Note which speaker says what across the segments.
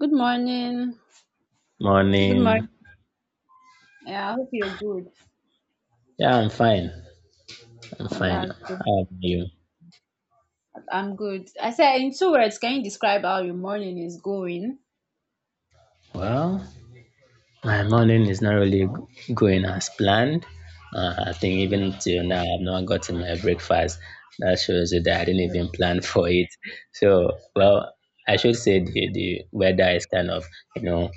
Speaker 1: Good morning. Good
Speaker 2: Morning.
Speaker 1: morning. Yeah, I hope you're good.
Speaker 2: Yeah, I'm fine. I'm
Speaker 1: All
Speaker 2: fine.
Speaker 1: right, good.
Speaker 2: How are you?
Speaker 1: I'm good. I said, in two words, can you describe how your morning is going?
Speaker 2: Well, my morning is not really going as planned. I think even till now, I've not gotten my breakfast. That shows you that I didn't even plan for it. So, well, I should say the weather is you know,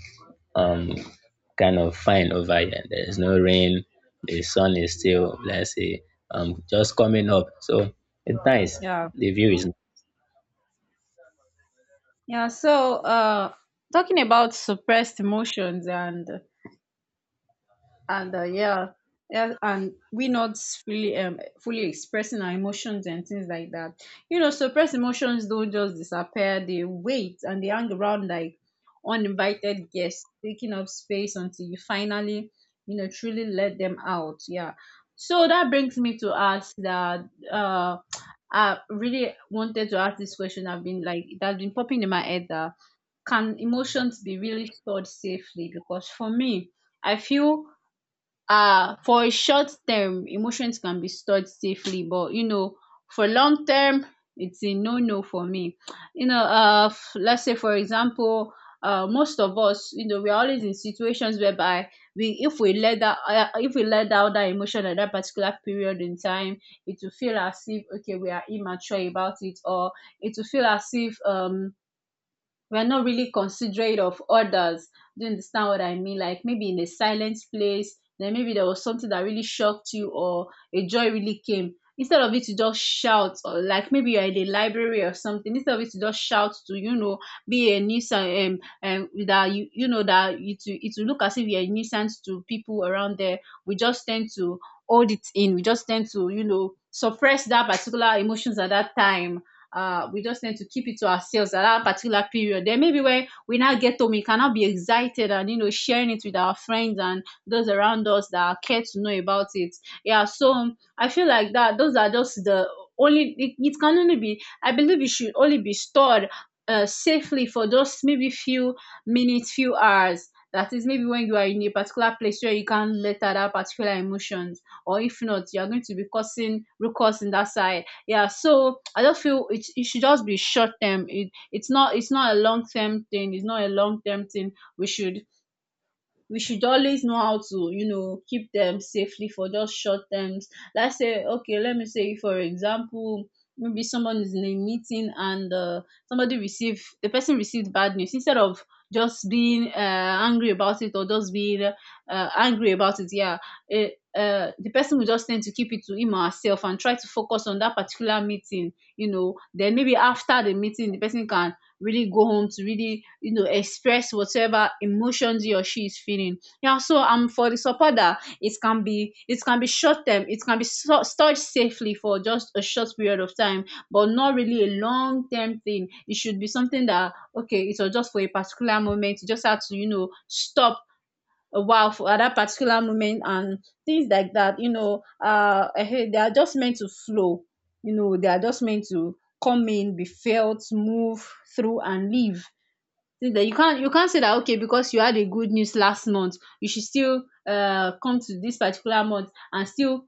Speaker 2: um, kind of fine over here. There's no rain. The sun is still, let's say, just coming up. So it's nice.
Speaker 1: Yeah.
Speaker 2: The view is.
Speaker 1: Yeah. Talking about suppressed emotions and yeah yeah and we not fully fully expressing our emotions and things like that. You know, suppressed emotions don't just disappear. They wait and they hang around like uninvited guests taking up space until you finally, you know, truly let them out. Yeah. So that brings me to ask that, uh I really wanted to ask this question. I've been like, it has been popping in my head that, can emotions be really stored safely? Because for me, I feel, for a short term, emotions can be stored safely, but you know, for long term, it's a no no for me. You know, let's say for example, most of us, you know, we are always in situations whereby we, if we let that if we let out that emotion at that particular period in time, it will feel as if, okay, we are immature about it, or it will feel as if, we're not really considerate of others. Do you understand what I mean? Like maybe in a silent place, then maybe there was something that really shocked you, or a joy really came. Instead of it to just shout, or like maybe you're in the library or something, instead of it to just shout to, be a nuisance that you know that it will, it will look as if you're a nuisance to people around there. We just tend to hold it in. We just tend to, suppress that particular emotions at that time. We just need to keep it to ourselves at that particular period. Then maybe when we now get home, we cannot be excited and sharing it with our friends and those around us that care to know about it. Yeah, so I feel like that those are just the only, it can only be. I believe it should only be stored, safely for just maybe few minutes, few hours. That is maybe when you are in a particular place where you can't let out that particular emotions, or if not, you are going to be causing ruckus in that side. Yeah, so I just feel it should just be short term. It's not it's not a long term thing. It's not a long term thing. We should always know how to, keep them safely for just short terms. Let's say, okay, let me say for example, maybe someone is in a meeting, and somebody received, the person received bad news. Instead of just being angry about it, or just being angry about it. Yeah eh, the person will just tend to keep it to him or herself and try to focus on that particular meeting. Then maybe after the meeting, the person can really go home to really, express whatever emotions he or she is feeling. Yeah. So for the support that it can be, it can be short term. It can be stored safely for just a short period of time, but not really a long term thing. It should be something that, okay, it was just for a particular moment. You just have to, stop a while for at that particular moment, and things like that. They are just meant to flow. You know, they are just meant to come in, be felt, move through and leave. Things that you can't, you can't say that okay, because you had a good news last month, you should still come to this particular month and still,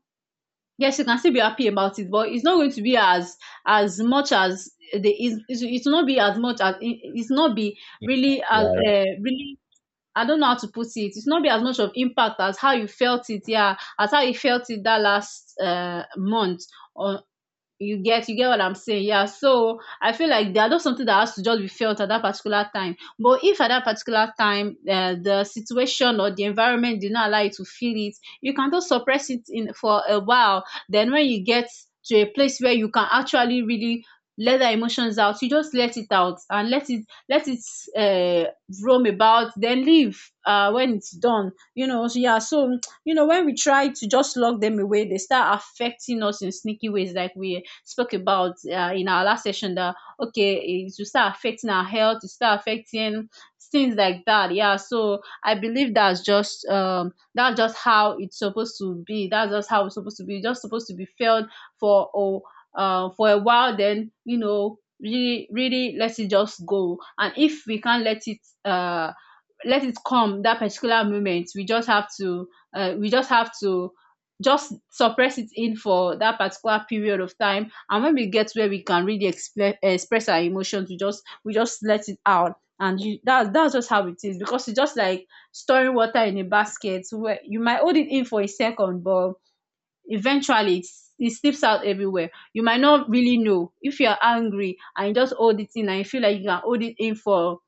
Speaker 1: yes, you can still be happy about it, but it's not going to be as much as the, it's not be as much as it's not be really as really, I don't know how to put it. It's not be as much of impact as how you felt it, yeah, as how you felt it that last month, or you get, you get what I'm saying? Yeah. So I feel like there are just something that has to just be felt at that particular time, but if at that particular time, the situation or the environment did not allow you to feel it, you can just suppress it in for a while. Then when you get to a place where you can actually really let the emotions out, you just let it out and let it, uh, roam about, then leave when it's done, you know, so yeah. So, you know when we try to just lock them away, they start affecting us in sneaky ways, like we spoke about in our last session, that okay, it will start affecting our health, it will start affecting things like that. Yeah. So I believe that's just, that's just how it's supposed to be. That's just how it's supposed to be. It's just supposed to be felt for, oh, for a while, then, you know, really, really let it just go. And if we can't let it, uh let it come that particular moment, we just have to, uh, we just have to just suppress it in for that particular period of time. And when we get where we can really express our emotions, we just let it out. And you that, that's just how it is. Because it's just like storing water in a basket, where you might hold it in for a second, but eventually it slips out everywhere. You might not really know if you're angry, and you just hold it in and you feel like you can hold it in for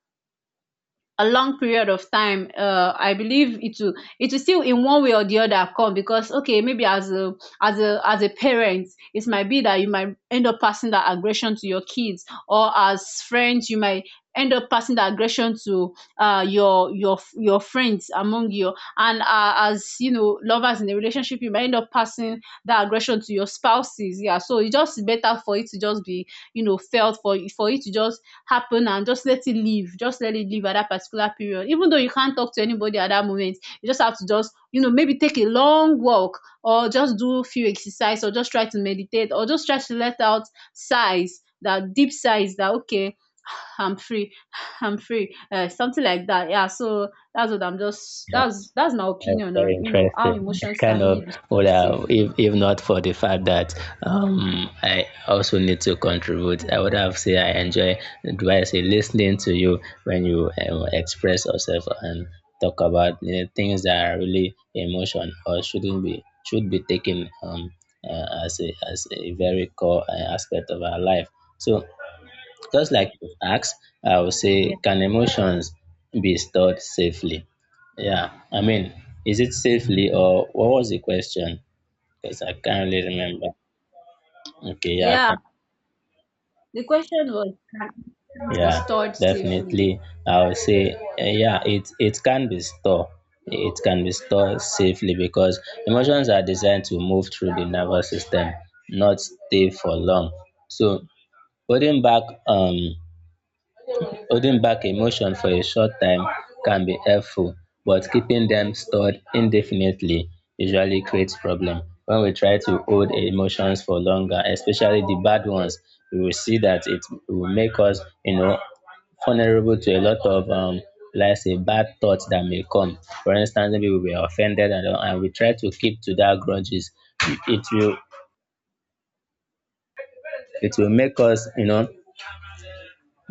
Speaker 1: a long period of time. I believe it will, it will still in one way or the other come. Because, okay, maybe as a, as a parent, it might be that you might end up passing that aggression to your kids. Or as friends, you might end up passing the aggression to your, your friends among you. And as, you know, lovers in a relationship, you might end up passing that aggression to your spouses. Yeah, so it's just better for it to just be, you know, felt, for it to just happen and just let it live. Just let it live at that particular period. Even though you can't talk to anybody at that moment, you just have to just, maybe take a long walk, or just do a few exercise, or just try to meditate, or just try to let out sighs, that deep sighs that, okay, I'm free, I'm free, something like that. Yeah, so that's what I'm just, that's my
Speaker 2: That's
Speaker 1: opinion
Speaker 2: very
Speaker 1: on, how
Speaker 2: interesting.
Speaker 1: emotions
Speaker 2: Kind
Speaker 1: can
Speaker 2: of,
Speaker 1: really be
Speaker 2: well,
Speaker 1: stored
Speaker 2: if,
Speaker 1: safely.
Speaker 2: if not for the fact that I also need to contribute, I would have said I enjoy, do I say, listening to you when you express yourself and talk about, you know, things that are really emotion or shouldn't be, should be taken as a very core aspect of our life. So just like you asked, I would say,
Speaker 1: Yeah.
Speaker 2: can emotions be stored safely? Yeah, I mean, is it safely or what was the question? Because I can't really remember. Okay, yeah, I
Speaker 1: Yeah.
Speaker 2: can-
Speaker 1: The question was, can emotions be
Speaker 2: yeah,
Speaker 1: stored
Speaker 2: definitely.
Speaker 1: safely?
Speaker 2: I would say, yeah, it can be stored. It can be stored safely because emotions are designed to move through the nervous system, not stay for long. So, putting back holding back emotions for a short time can be helpful, but keeping them stored indefinitely usually creates problem. When we try to hold emotions for longer, especially the bad ones, we will see that it will make us, you know, vulnerable to a lot of let's say bad thoughts that may come. For instance, maybe we were offended, and we try to keep to that grudges. It will it will make us, you know,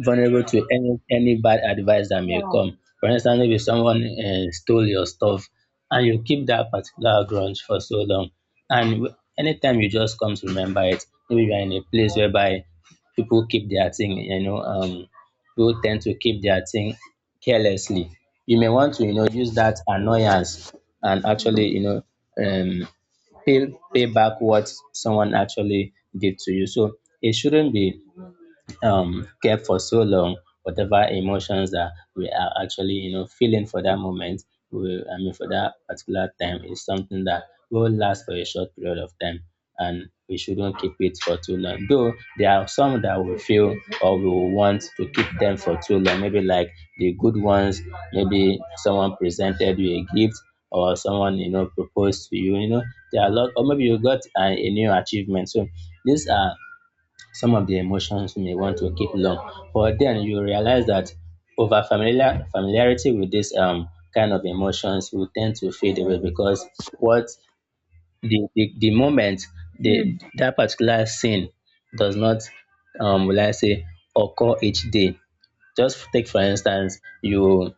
Speaker 2: vulnerable to any bad advice that may
Speaker 1: Yeah.
Speaker 2: come. For instance, maybe someone stole your stuff, and you keep that particular grudge for so long, and anytime you just come to remember it, maybe you are in a place whereby people keep their thing, you know, people tend to keep their thing carelessly. You may want to, you know, use that annoyance and actually, you know, um, pay back what someone actually did to you. So it shouldn't be kept for so long. Whatever emotions that we are actually, you know, feeling for that moment, I mean for that particular time, is something that will last for a short period of time, and we shouldn't keep it for too long. Though there are some that we feel or we will want to keep them for too long, maybe like the good ones. Maybe someone presented you a gift, or someone, you know, proposed to you. You know, there are a lot, or maybe you got a new achievement. So these are some of the emotions you may want to keep long, but then you realize that over familiarity with this kind of emotions will tend to fade away. Because what the moment, the
Speaker 1: Mm.
Speaker 2: that particular scene does not will I say occur each day. Just take for instance,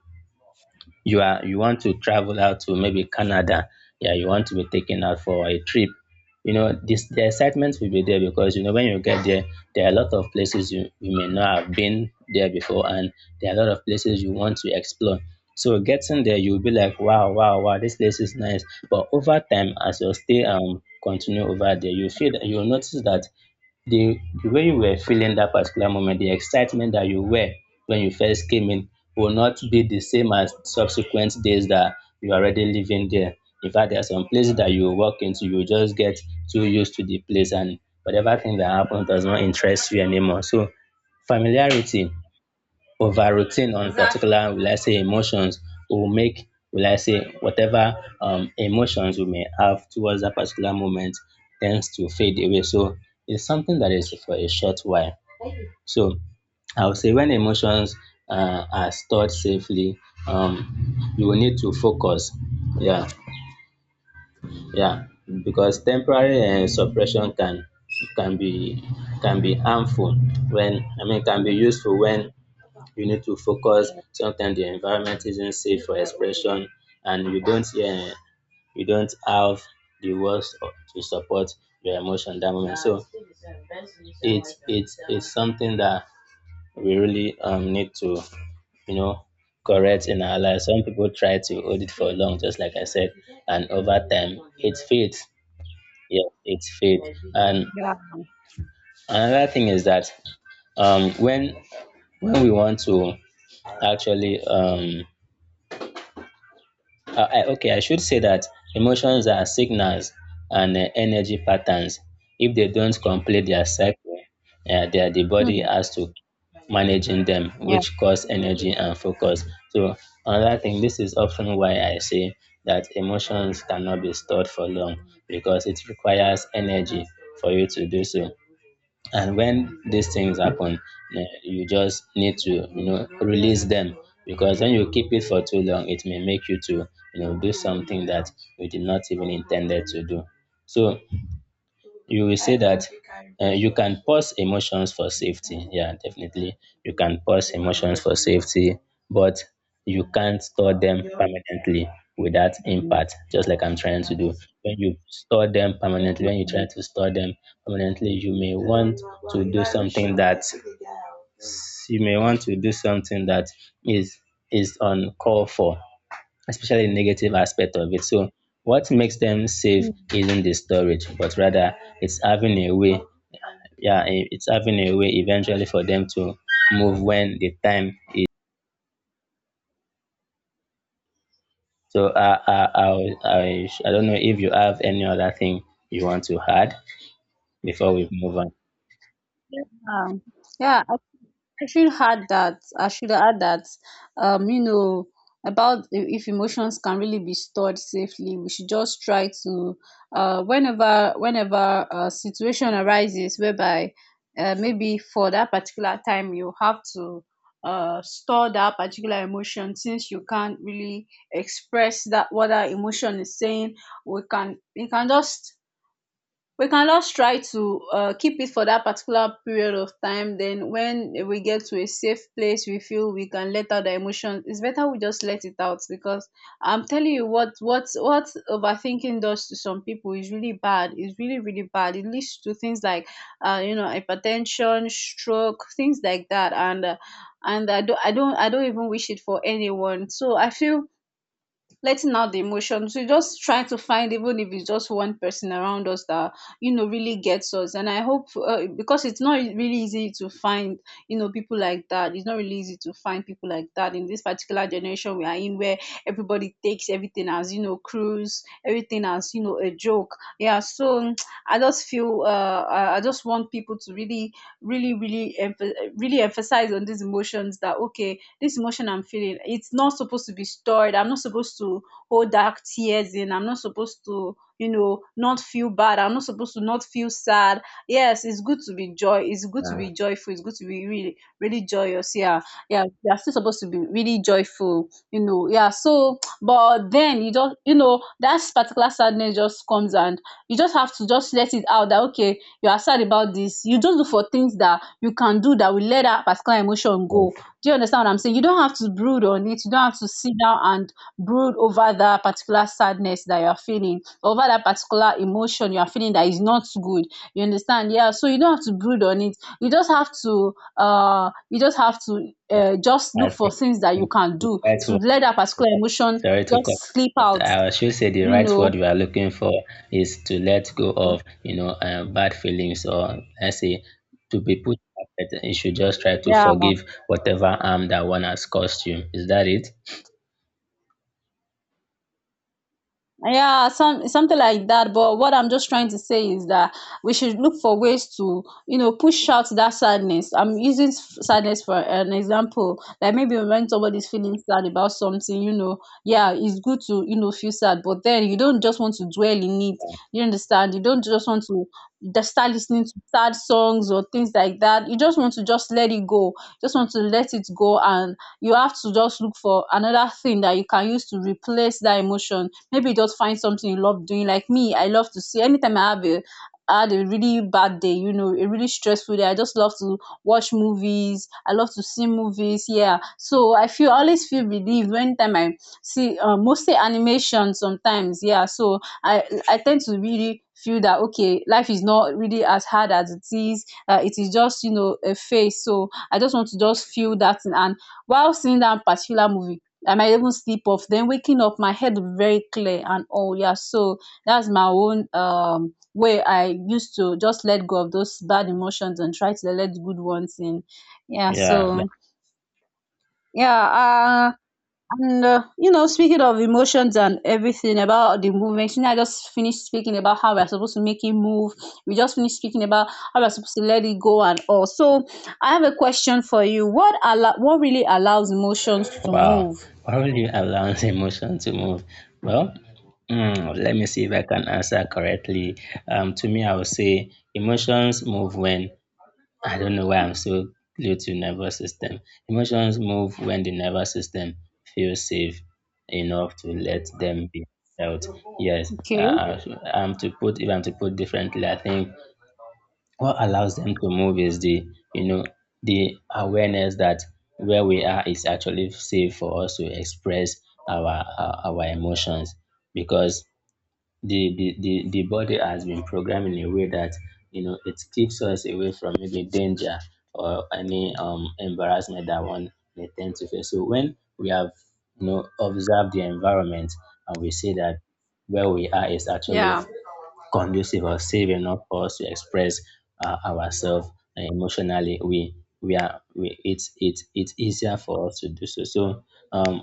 Speaker 2: you are you want to travel out to maybe Canada, yeah, you want to be taken out for a trip. You know, this the excitement will be there because you know when you get there, there are a lot of places you, you may not have been there before, and there are a lot of places you want to explore. So getting there, you'll be like, wow, wow, wow, this place is nice. But over time, as your stay continue over there, you feel that you'll notice that the the way you were feeling that particular moment, the excitement that you were when you first came in, will not be the same as subsequent days that you are already living there. In fact, there are some places that you walk into, you just get too used to the place and whatever thing that happens does not interest you anymore. So familiarity over routine on
Speaker 1: Exactly.
Speaker 2: particular, will I say, emotions will make, will I say, whatever emotions we may have towards that particular moment tends to fade away. So it's something that is for a short while. So I would say when emotions are stored safely, you will need to focus. Yeah, yeah, because temporary suppression can be can be harmful when, I mean, can be useful when you need to focus. Sometimes the environment isn't safe for expression, and you don't, yeah, you don't have the words to support your emotion that moment. So it's something that we really need to, you know, correct in our lives. Some people try to hold it for long, just like I said, and over time it fades. Yeah, it fades. And
Speaker 1: Yeah.
Speaker 2: another thing is that um when when we want to actually okay, I should say that emotions are signals and, energy patterns. If they don't complete their cycle, the body
Speaker 1: Mm.
Speaker 2: has to managing them,
Speaker 1: Yeah.
Speaker 2: which cause energy and focus. So another thing, this is often why I say that emotions cannot be stored for long because it requires energy for you to do so. And when these things happen, you just need to, you
Speaker 1: Mm.
Speaker 2: know, release them, because when you keep it for too long it may make you to, you know, do something that you did not even intended to do. So you will say that, you can pause emotions for safety. Yeah, definitely. You can pause emotions for safety, but you can't store them permanently without
Speaker 1: Mm.
Speaker 2: impact, just like I'm trying to do. When you store them permanently, when you try to store them permanently, you may want to do something that you may want to do something that is is uncalled for, especially the negative aspect of it. So what makes them safe isn't the storage, but rather it's having a way, yeah, it's having a way eventually for them to move when the time is. So I don't know if you have any other thing you want to add before we move on.
Speaker 1: Yeah. Hmm. Yeah. I should add that. I should add that. You know, about if emotions can really be stored safely, we should just try to, uh, whenever a situation arises whereby, maybe for that particular time, you have to, store that particular emotion, since you can't really express that what that emotion is saying. We can we can just we can just try to keep it for that particular period of time. Then when we get to a safe place, we feel we can let out the emotions, it's better we just let it out. Because I'm telling you, what overthinking does to some people is really bad. It's really, really bad. It leads to things like, you know, hypertension, stroke, things like that. And I don't, I don't even wish it for anyone. So I feel letting out the emotions, we just try to find, even if it's just one person around us that, you know, really gets us. And I hope, because it's not really easy to find, you know, people like that. It's not really easy to find people like that in this particular generation we are in, where everybody takes everything as, you know, cruise, everything as, you know, a joke. Yeah. So I just feel, I just want people to really, really, really, really emphasize on these emotions. That okay, this emotion I'm feeling, it's not supposed to be stored. I'm not supposed to hold dark tears in. I'm not supposed to, you know, not feel bad. I'm not supposed to not feel sad. Yes, it's good to be joy. It's good to
Speaker 2: Uh,
Speaker 1: be joyful. It's good to be really, really joyous. Yeah, yeah. You're still supposed to be really joyful, you know. Yeah. So, but then you just, you know, that particular sadness just comes and you just have to just let it out. That okay, you are sad about this. You just look for things that you can do that will let that particular emotion go.
Speaker 2: yes,
Speaker 1: Do you understand what I'm saying? You don't have to brood on it. You don't have to sit down and brood over that particular sadness that you're feeling, over that particular emotion you're feeling that is not good. You understand? Yeah. So you don't have to brood on it. You just have to, you just have to, just look for things that
Speaker 2: I
Speaker 1: you
Speaker 2: think
Speaker 1: can do
Speaker 2: that's—
Speaker 1: to let that particular emotion
Speaker 2: Sorry to cut,
Speaker 1: just slip
Speaker 2: but
Speaker 1: out.
Speaker 2: I should say the
Speaker 1: You
Speaker 2: right
Speaker 1: know?
Speaker 2: word we are looking for is to let go of, you know, bad feelings, or let's say, to be put perfect. You should just try to
Speaker 1: Yeah.
Speaker 2: forgive whatever harm that one has caused you. Is that it?
Speaker 1: Yeah, something like that. But what I'm just trying to say is that we should look for ways to, you know, push out that sadness. I'm using sadness for an example. Like maybe when somebody's feeling sad about something, you know, yeah, it's good to, you know, feel sad. But then you don't just want to dwell in it. You understand? You don't just want to just start listening to sad songs or things like that. You just want to just let it go. Just want to let it go, and you have to just look for another thing that you can use to replace that emotion. Maybe just find something you love doing. Like me, I love to see anytime I have a I had a really bad day, you know, a really stressful day. I just love to watch movies. I love to see movies. Yeah. So I feel I always feel relieved when time I see mostly animation sometimes. Yeah. So I tend to really feel that okay, life is not really as hard as it is. It is just, you know, a phase. So I just want to just feel that, and while seeing that particular movie, I might even sleep off, then waking up my head very clear and all. Yeah, so that's my own way I used to just let go of those bad emotions and try to let the good ones in. Yeah,
Speaker 2: Yeah.
Speaker 1: so
Speaker 2: That—
Speaker 1: yeah. uh and you know, speaking of emotions and everything about the movement, you know, I just finished speaking about how we're supposed to make it move. We just finished speaking about how we're supposed to let it go and all. So I have a question for you. What allow what really allows emotions to
Speaker 2: Wow.
Speaker 1: move?
Speaker 2: How do you allow the emotion to move? Well, mm, let me see if I can answer correctly. To me, I would say emotions move when— I don't know why I'm so glued to nervous system. Emotions move when the nervous system feels safe enough to let them be felt. Yes,
Speaker 1: Okay.
Speaker 2: uh, I'm to put if I'm to put differently, I think what allows them to move is the, you know, the awareness that where we are is actually safe for us to express our emotions. Because the body has been programmed in a way that, you know, it keeps us away from maybe danger or any embarrassment that one may tend to face. So when we have, you know, observed the environment and we see that where we are is actually
Speaker 1: Yeah.
Speaker 2: conducive or safe enough for us to express, ourselves emotionally, it's it's easier for us to do so. So, um,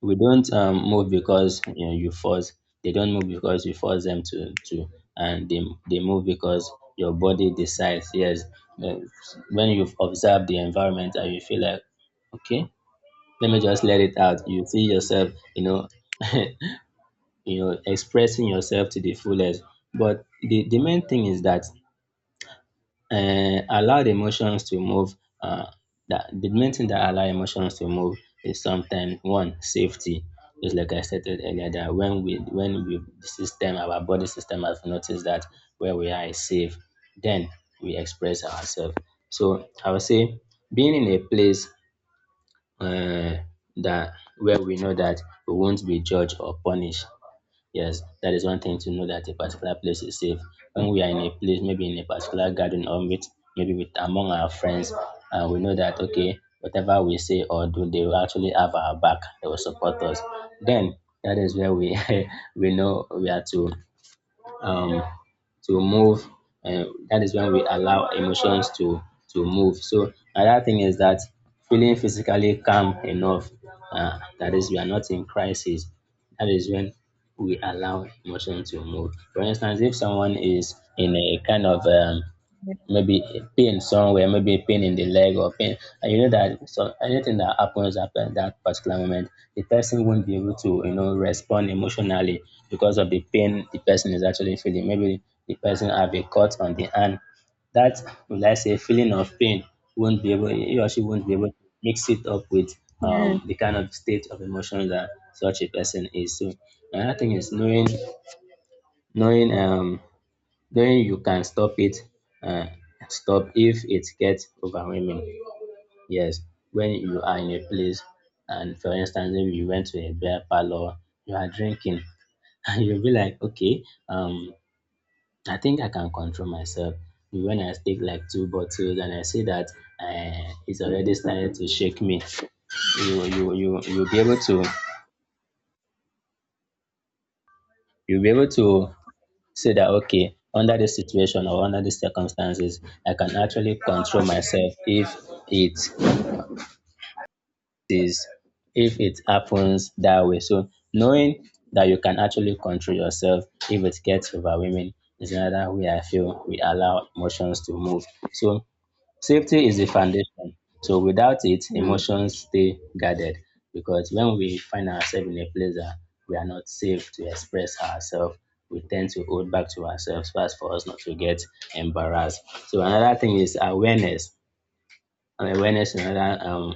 Speaker 2: we don't move because, you know, you force. They don't move because you force them and they move because your body decides. Yes, uh, when you've observed the environment and you feel like, okay, let me just let it out. You see yourself, you know, you know, expressing yourself to the fullest. But the main thing is that, allow the emotions to move, uh, that the main thing that allow emotions to move is sometimes one safety. Just like I stated earlier, that when we the system, our body system has noticed that where we are is safe, then we express ourselves. So I would say being in a place, uh, that where we know that we won't be judged or punished. Yes, that is one thing, to know that a particular place is safe. When we are in a place, maybe in a particular garden or meet, maybe with among our friends, and we know that, okay, whatever we say or do, they will actually have our back. They will support us. Then that is where we we know we are to, um, to move. Uh, that is when we allow emotions to move. So another thing is that feeling physically calm enough. That is, we are not in crisis. That is when we allow emotion to move. For instance, if someone is in a kind of maybe a pain somewhere, maybe a pain in the leg or pain. And you know that, so anything that happens at that particular moment, the person won't be able to, you know, respond emotionally because of the pain the person is actually feeling. Maybe the person have a cut on the hand. That, let's say, feeling of pain won't be able he or she won't be able to mix it up with
Speaker 1: Yeah.
Speaker 2: the kind of state of emotion that such a person is. So another thing is knowing, then you can stop it, um stop if it gets overwhelming. Yes, when you are in a place, and for instance, maybe you went to a beer parlor, you are drinking and you'll be like, okay, um I think I can control myself. When I take like two bottles and I see that, it's already starting to shake me, you'll be able to, you'll be able to see that, okay, under this situation or under these circumstances, I can actually control myself if it is if it happens that way. So knowing that you can actually control yourself if it gets overwhelming is another way I feel we allow emotions to move. So safety is the foundation. So without it,
Speaker 1: Mm.
Speaker 2: emotions stay guarded, because when we find ourselves in a place that we are not safe to express ourselves, we tend to hold back to ourselves first for us not to get embarrassed. So another thing is awareness. And awareness is another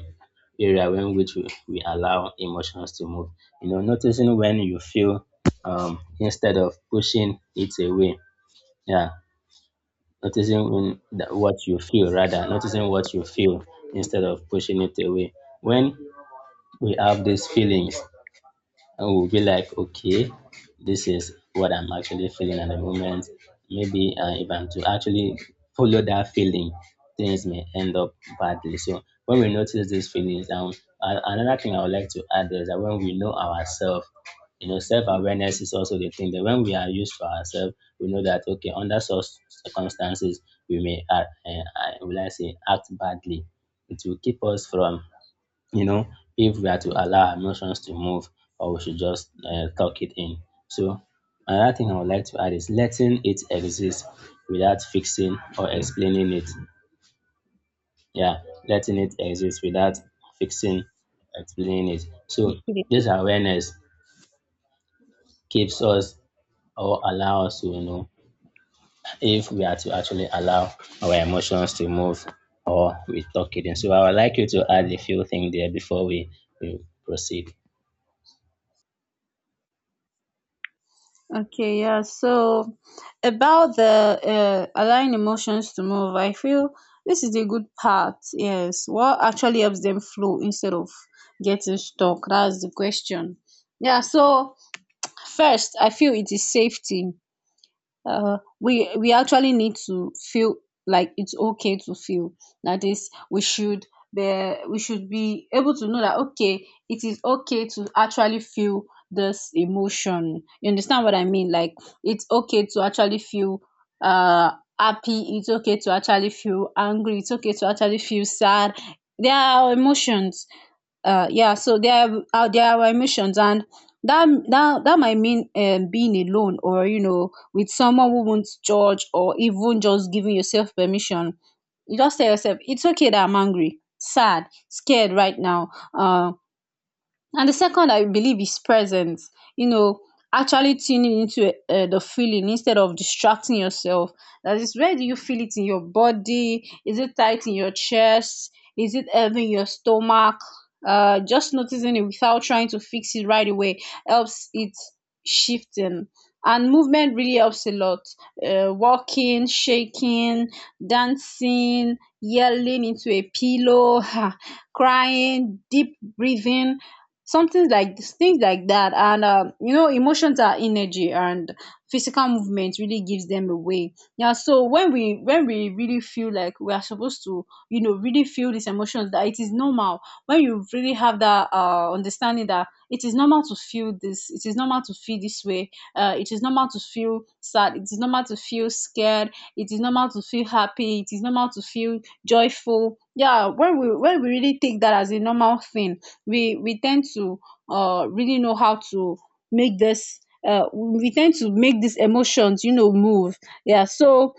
Speaker 2: area in which we allow emotions to move. You know, noticing when you feel, instead of pushing it away. Yeah, noticing what you feel instead of pushing it away. When we have these feelings, and we'll be like, okay, this is what I'm actually feeling at the moment. Maybe if I'm to actually follow that feeling, things may end up badly. So when we notice these feelings, another thing I would like to add is that when we know ourselves, you know, self-awareness is also the thing, that when we are used to ourselves, we know that, okay, under such circumstances, we may act, act badly. It will keep us from, you know, if we are to allow our emotions to move or we should just tuck it in. So another thing I would like to add is letting it exist without fixing or explaining it. Yeah, letting it exist without fixing, explaining it. So this awareness keeps us or allow us to, you know, if we are to actually allow our emotions to move or we tuck it in. So I would like you to add a few things there before we proceed.
Speaker 1: Okay, yeah. So about the allowing emotions to move, I feel this is the good part. Yes, what actually helps them flow instead of getting stuck? That's the question. Yeah. So first, I feel it is safety. We actually need to feel like it's okay to feel. That is, we should be able to know that okay, it is okay to actually feel this emotion. You understand what I mean? Like, it's okay to actually feel uh happy, it's okay to actually feel angry, it's okay to actually feel sad. There are our emotions. Yeah, so there are our emotions, and that might mean being alone or, you know, with someone who won't judge, or even just giving yourself permission. You just tell yourself it's okay that I'm angry, sad, scared right now. uh, and the second, I believe, is presence. You know, actually tuning into the feeling instead of distracting yourself. That is, where do you feel it in your body? Is it tight in your chest? Is it heavy in your stomach? Just noticing it without trying to fix it right away helps it shifting. And movement really helps a lot. Walking, shaking, dancing, yelling into a pillow, crying, deep breathing, something like things like that. And you know, emotions are energy, and physical movement really gives them away. Yeah, so when we really feel like we are supposed to, you know, really feel these emotions, that it is normal. When you really have that understanding that it is normal to feel this, it is normal to feel this way, it is normal to feel sad, it is normal to feel scared, it is normal to feel happy, it is normal to feel joyful. Yeah, when we really take that as a normal thing, we tend to really know how to make this we tend to make these emotions, you know, move. Yeah, so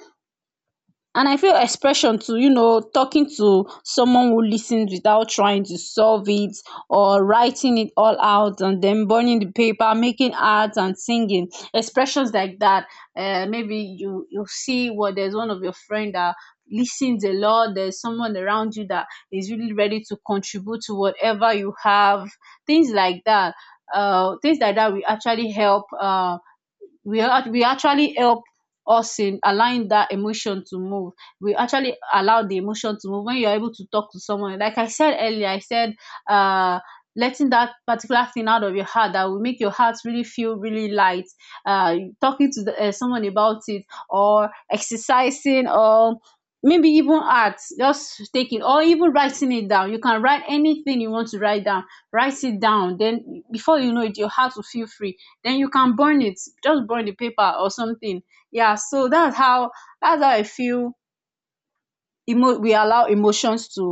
Speaker 1: and I feel expression to, you know, talking to someone who listens without trying to solve it, or writing it all out and then burning the paper, making art and singing, expressions like that. Uh, maybe you see what, there's one of your friend that listens a lot, there's someone around you that is really ready to contribute to whatever you have, things like that. Uh, things like that will actually help. We actually help us in allowing that emotion to move. We actually allow the emotion to move when you're able to talk to someone. Like I said earlier, I said, uh letting that particular thing out of your heart, that will make your heart really feel really light. Uh, talking to the, someone about it, or exercising, or maybe even art, just taking, or even writing it down. You can write anything you want to write down, write it down, then before you know it your heart will feel free. Then you can burn it, just burn the paper or something. Yeah, so that's how I feel emo we allow emotions to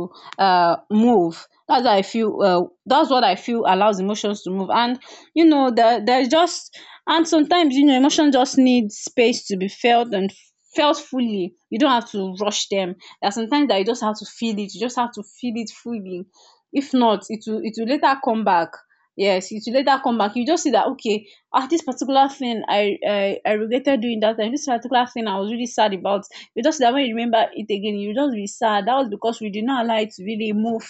Speaker 1: move. That's how I feel. That's what I feel allows emotions to move. And you know there there's just and sometimes, you know, emotion just needs space to be felt and felt fully. You don't have to rush them. There are sometimes that you just have to feel it, you just have to feel it fully. If not, it will later come back. Yes, it will later come back. You just see that okay, ah, this particular thing I regretted doing that time, this particular thing I was really sad about. You just that when you remember it again, you just be sad. That was because we did not allow it to really move.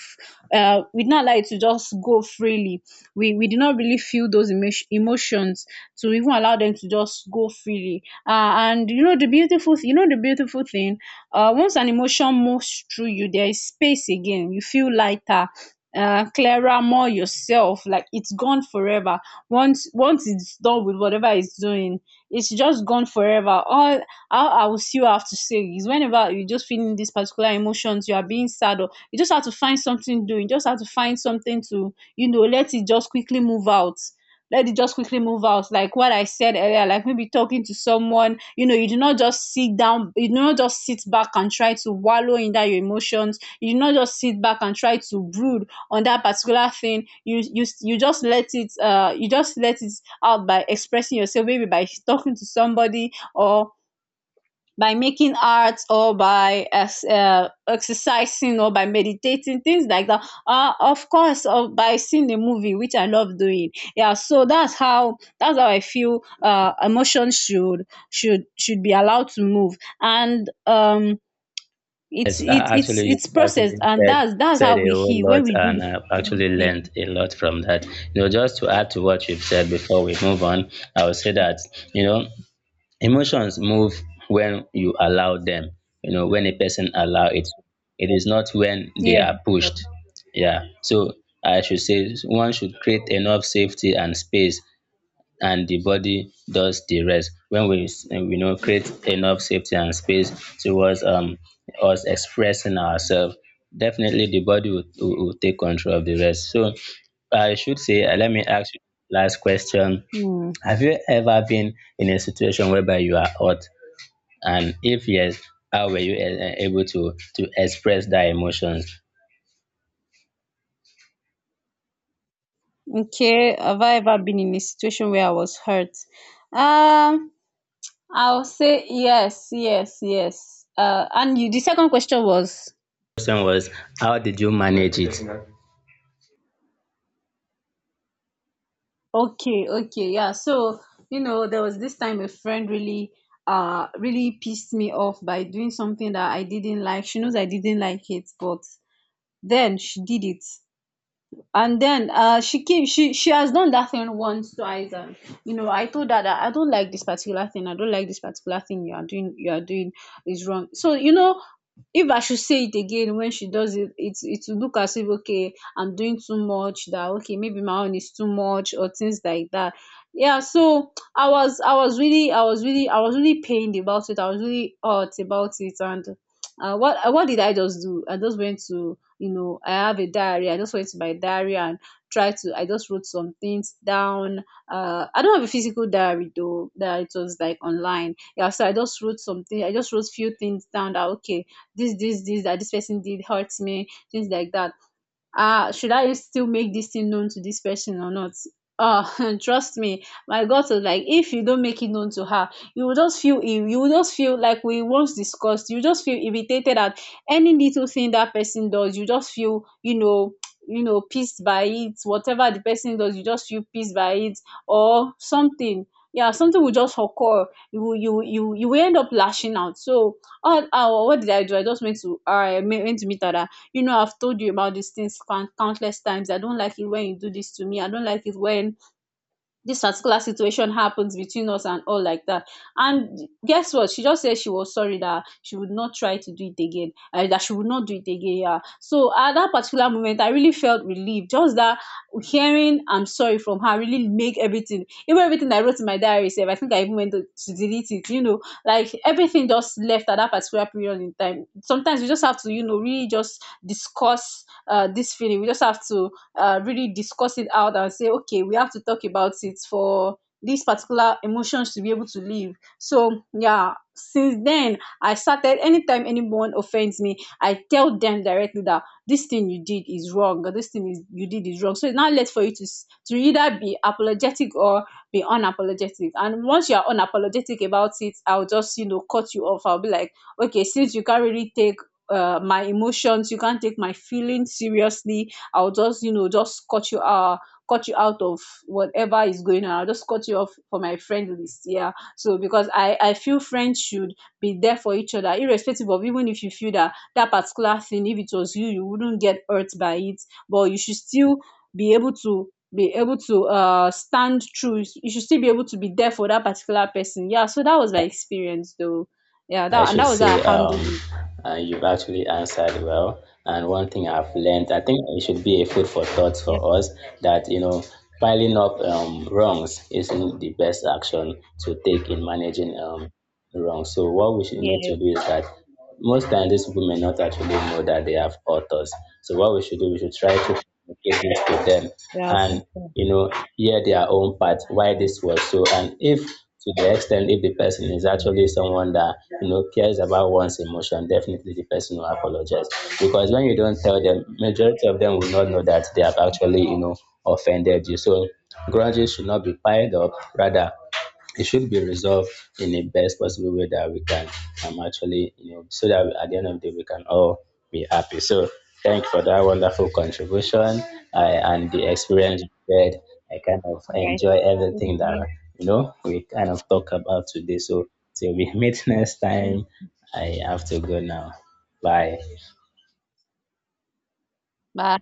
Speaker 1: We did not allow it to just go freely. We did not really feel those emotions to even allow them to just go freely. And you know the beautiful, you know the beautiful thing. Once an emotion moves through you, there is space again. You feel lighter. Clearer, more yourself. Like it's gone forever. Once it's done with whatever it's doing, it's just gone forever. All how I will see still have to say is whenever you just feeling these particular emotions, you are being sad, or you just have to find something doing, just have to find something to, you know, let it just quickly move out. Let it just quickly move out. Like what I said earlier, like maybe talking to someone, you know, you do not just sit down, you do not just sit back and try to wallow in that your emotions. You do not just sit back and try to brood on that particular thing. You just let it you just let it out by expressing yourself, maybe by talking to somebody, or by making art, or by exercising, or by meditating, things like that. Of course, by seeing a movie, which I love doing. Yeah, so that's how I feel emotion should be allowed to move, and it's
Speaker 2: Yes,
Speaker 1: it's it's
Speaker 2: actually, you
Speaker 1: it's processed,
Speaker 2: actually
Speaker 1: and
Speaker 2: said
Speaker 1: that's
Speaker 2: said
Speaker 1: how
Speaker 2: a
Speaker 1: we
Speaker 2: whole
Speaker 1: heal
Speaker 2: lot,
Speaker 1: when we do
Speaker 2: and I've
Speaker 1: the
Speaker 2: actually
Speaker 1: thing.
Speaker 2: learned a lot from that. You know, just to add to what you've said before we move on, I would say that, you know, emotions move when you allow them. You know, when a person allow it, it is not when they
Speaker 1: Yeah.
Speaker 2: are pushed. Yeah, so I should say one should create enough safety and space, and the body does the rest. When we you know, create enough safety and space towards us expressing ourselves, definitely the body will take control of the rest. So I should say, let me ask you last question.
Speaker 1: Hmm.
Speaker 2: Have you ever been in a situation whereby you are hot, and if yes, how were you able to express that emotions?
Speaker 1: Okay. Have I ever been in a situation where I was hurt? Um. I'll say yes, yes, yes. And you, the second question was
Speaker 2: Question was, how did you manage it?
Speaker 1: okay, okay, yeah. So you know, there was this time a friend really, really pissed me off by doing something that I didn't like. She knows I didn't like it, but then she did it. And then she came, she has done that thing once, twice, and you know, I told her that I don't like this particular thing. I don't like this particular thing you are doing. Is wrong. So if I should say it again when she does it, it will look as if, okay, I'm doing too much, that, okay, maybe my own is too much, or things like that. Yeah, so I was really I was really I was really pained about it. I was really hurt about it. And what did I just do? I just went to— I have a diary. I just went to my diary and try to I just wrote some things down. I don't have a physical diary, though; that it was like online. Yeah, so I just wrote something, I just wrote few things down that, okay, this that this person did hurt me, things like that. Should I still make this thing known to this person or not? Oh, trust me, my gut was like, if you don't make it known to her, you will just feel ill. You will just feel, like we once discussed, you just feel irritated at any little thing that person does. You just feel, pissed by it. Whatever the person does, you just feel pissed by it, or something. Yeah, something will just occur. You will end up lashing out. So, oh, what did I do? I went to meet her. I've told you about these things countless times. I don't like it when you do this to me. I don't like it when this particular situation happens between us, and all like that. And guess what? She just said she was sorry, that she would not try to do it again, that she would not do it again. Yeah. So at that particular moment, I really felt relieved. Just that hearing "I'm sorry" from her really make everything, even everything I wrote in my diary, save. I think I even went to delete it. Like, everything just left at that particular period in time. Sometimes we just have to really just discuss this feeling. We just have to really discuss it out and say, okay, we have to talk about it for these particular emotions to be able to live. So yeah, since then, I started anytime anyone offends me, I tell them directly that this thing you did is wrong, or this thing is you did is wrong. So it's not left for you to either be apologetic or be unapologetic. And once you are unapologetic about it, I'll just cut you off. I'll be like, okay, since you can't really take my emotions, you can't take my feelings seriously. I'll just just cut you out of whatever is going on. I'll just cut you off for my friend list. Yeah. So, because I feel friends should be there for each other, irrespective; of even if you feel that that particular thing, if it was you, you wouldn't get hurt by it, but you should still be able to— stand true. You should still be able to be there for that particular person. Yeah. So that was my experience, though. Yeah.
Speaker 2: I
Speaker 1: That, and
Speaker 2: should
Speaker 1: that was how I
Speaker 2: say,
Speaker 1: handled it.
Speaker 2: you've actually answered well. And one thing I've learned, I think it should be a food for thought
Speaker 1: Yeah.
Speaker 2: for us, that, you know, piling up wrongs isn't the best action to take in managing wrong. So what we should need
Speaker 1: Yeah.
Speaker 2: to do is that most times these people may not actually know that they have authors. So what we should do, we should try to communicate this to them,
Speaker 1: Yeah.
Speaker 2: and, you know, hear their own part why this was so. And if, to the extent, if the person is actually someone that, you know, cares about one's emotion, definitely the person will apologize, because when you don't tell them, majority of them will not know that they have actually, you know, offended you. So grudges should not be piled up, rather it should be resolved in the best possible way that we can, actually, you know, so that at the end of the day we can all be happy. So thank you for that wonderful contribution, and the experience you shared. I kind of
Speaker 1: Right.
Speaker 2: enjoy everything that, you know, we kind of talk about today. So till we meet next time,
Speaker 1: 嗯
Speaker 2: I have to go now. Bye.
Speaker 1: 拜。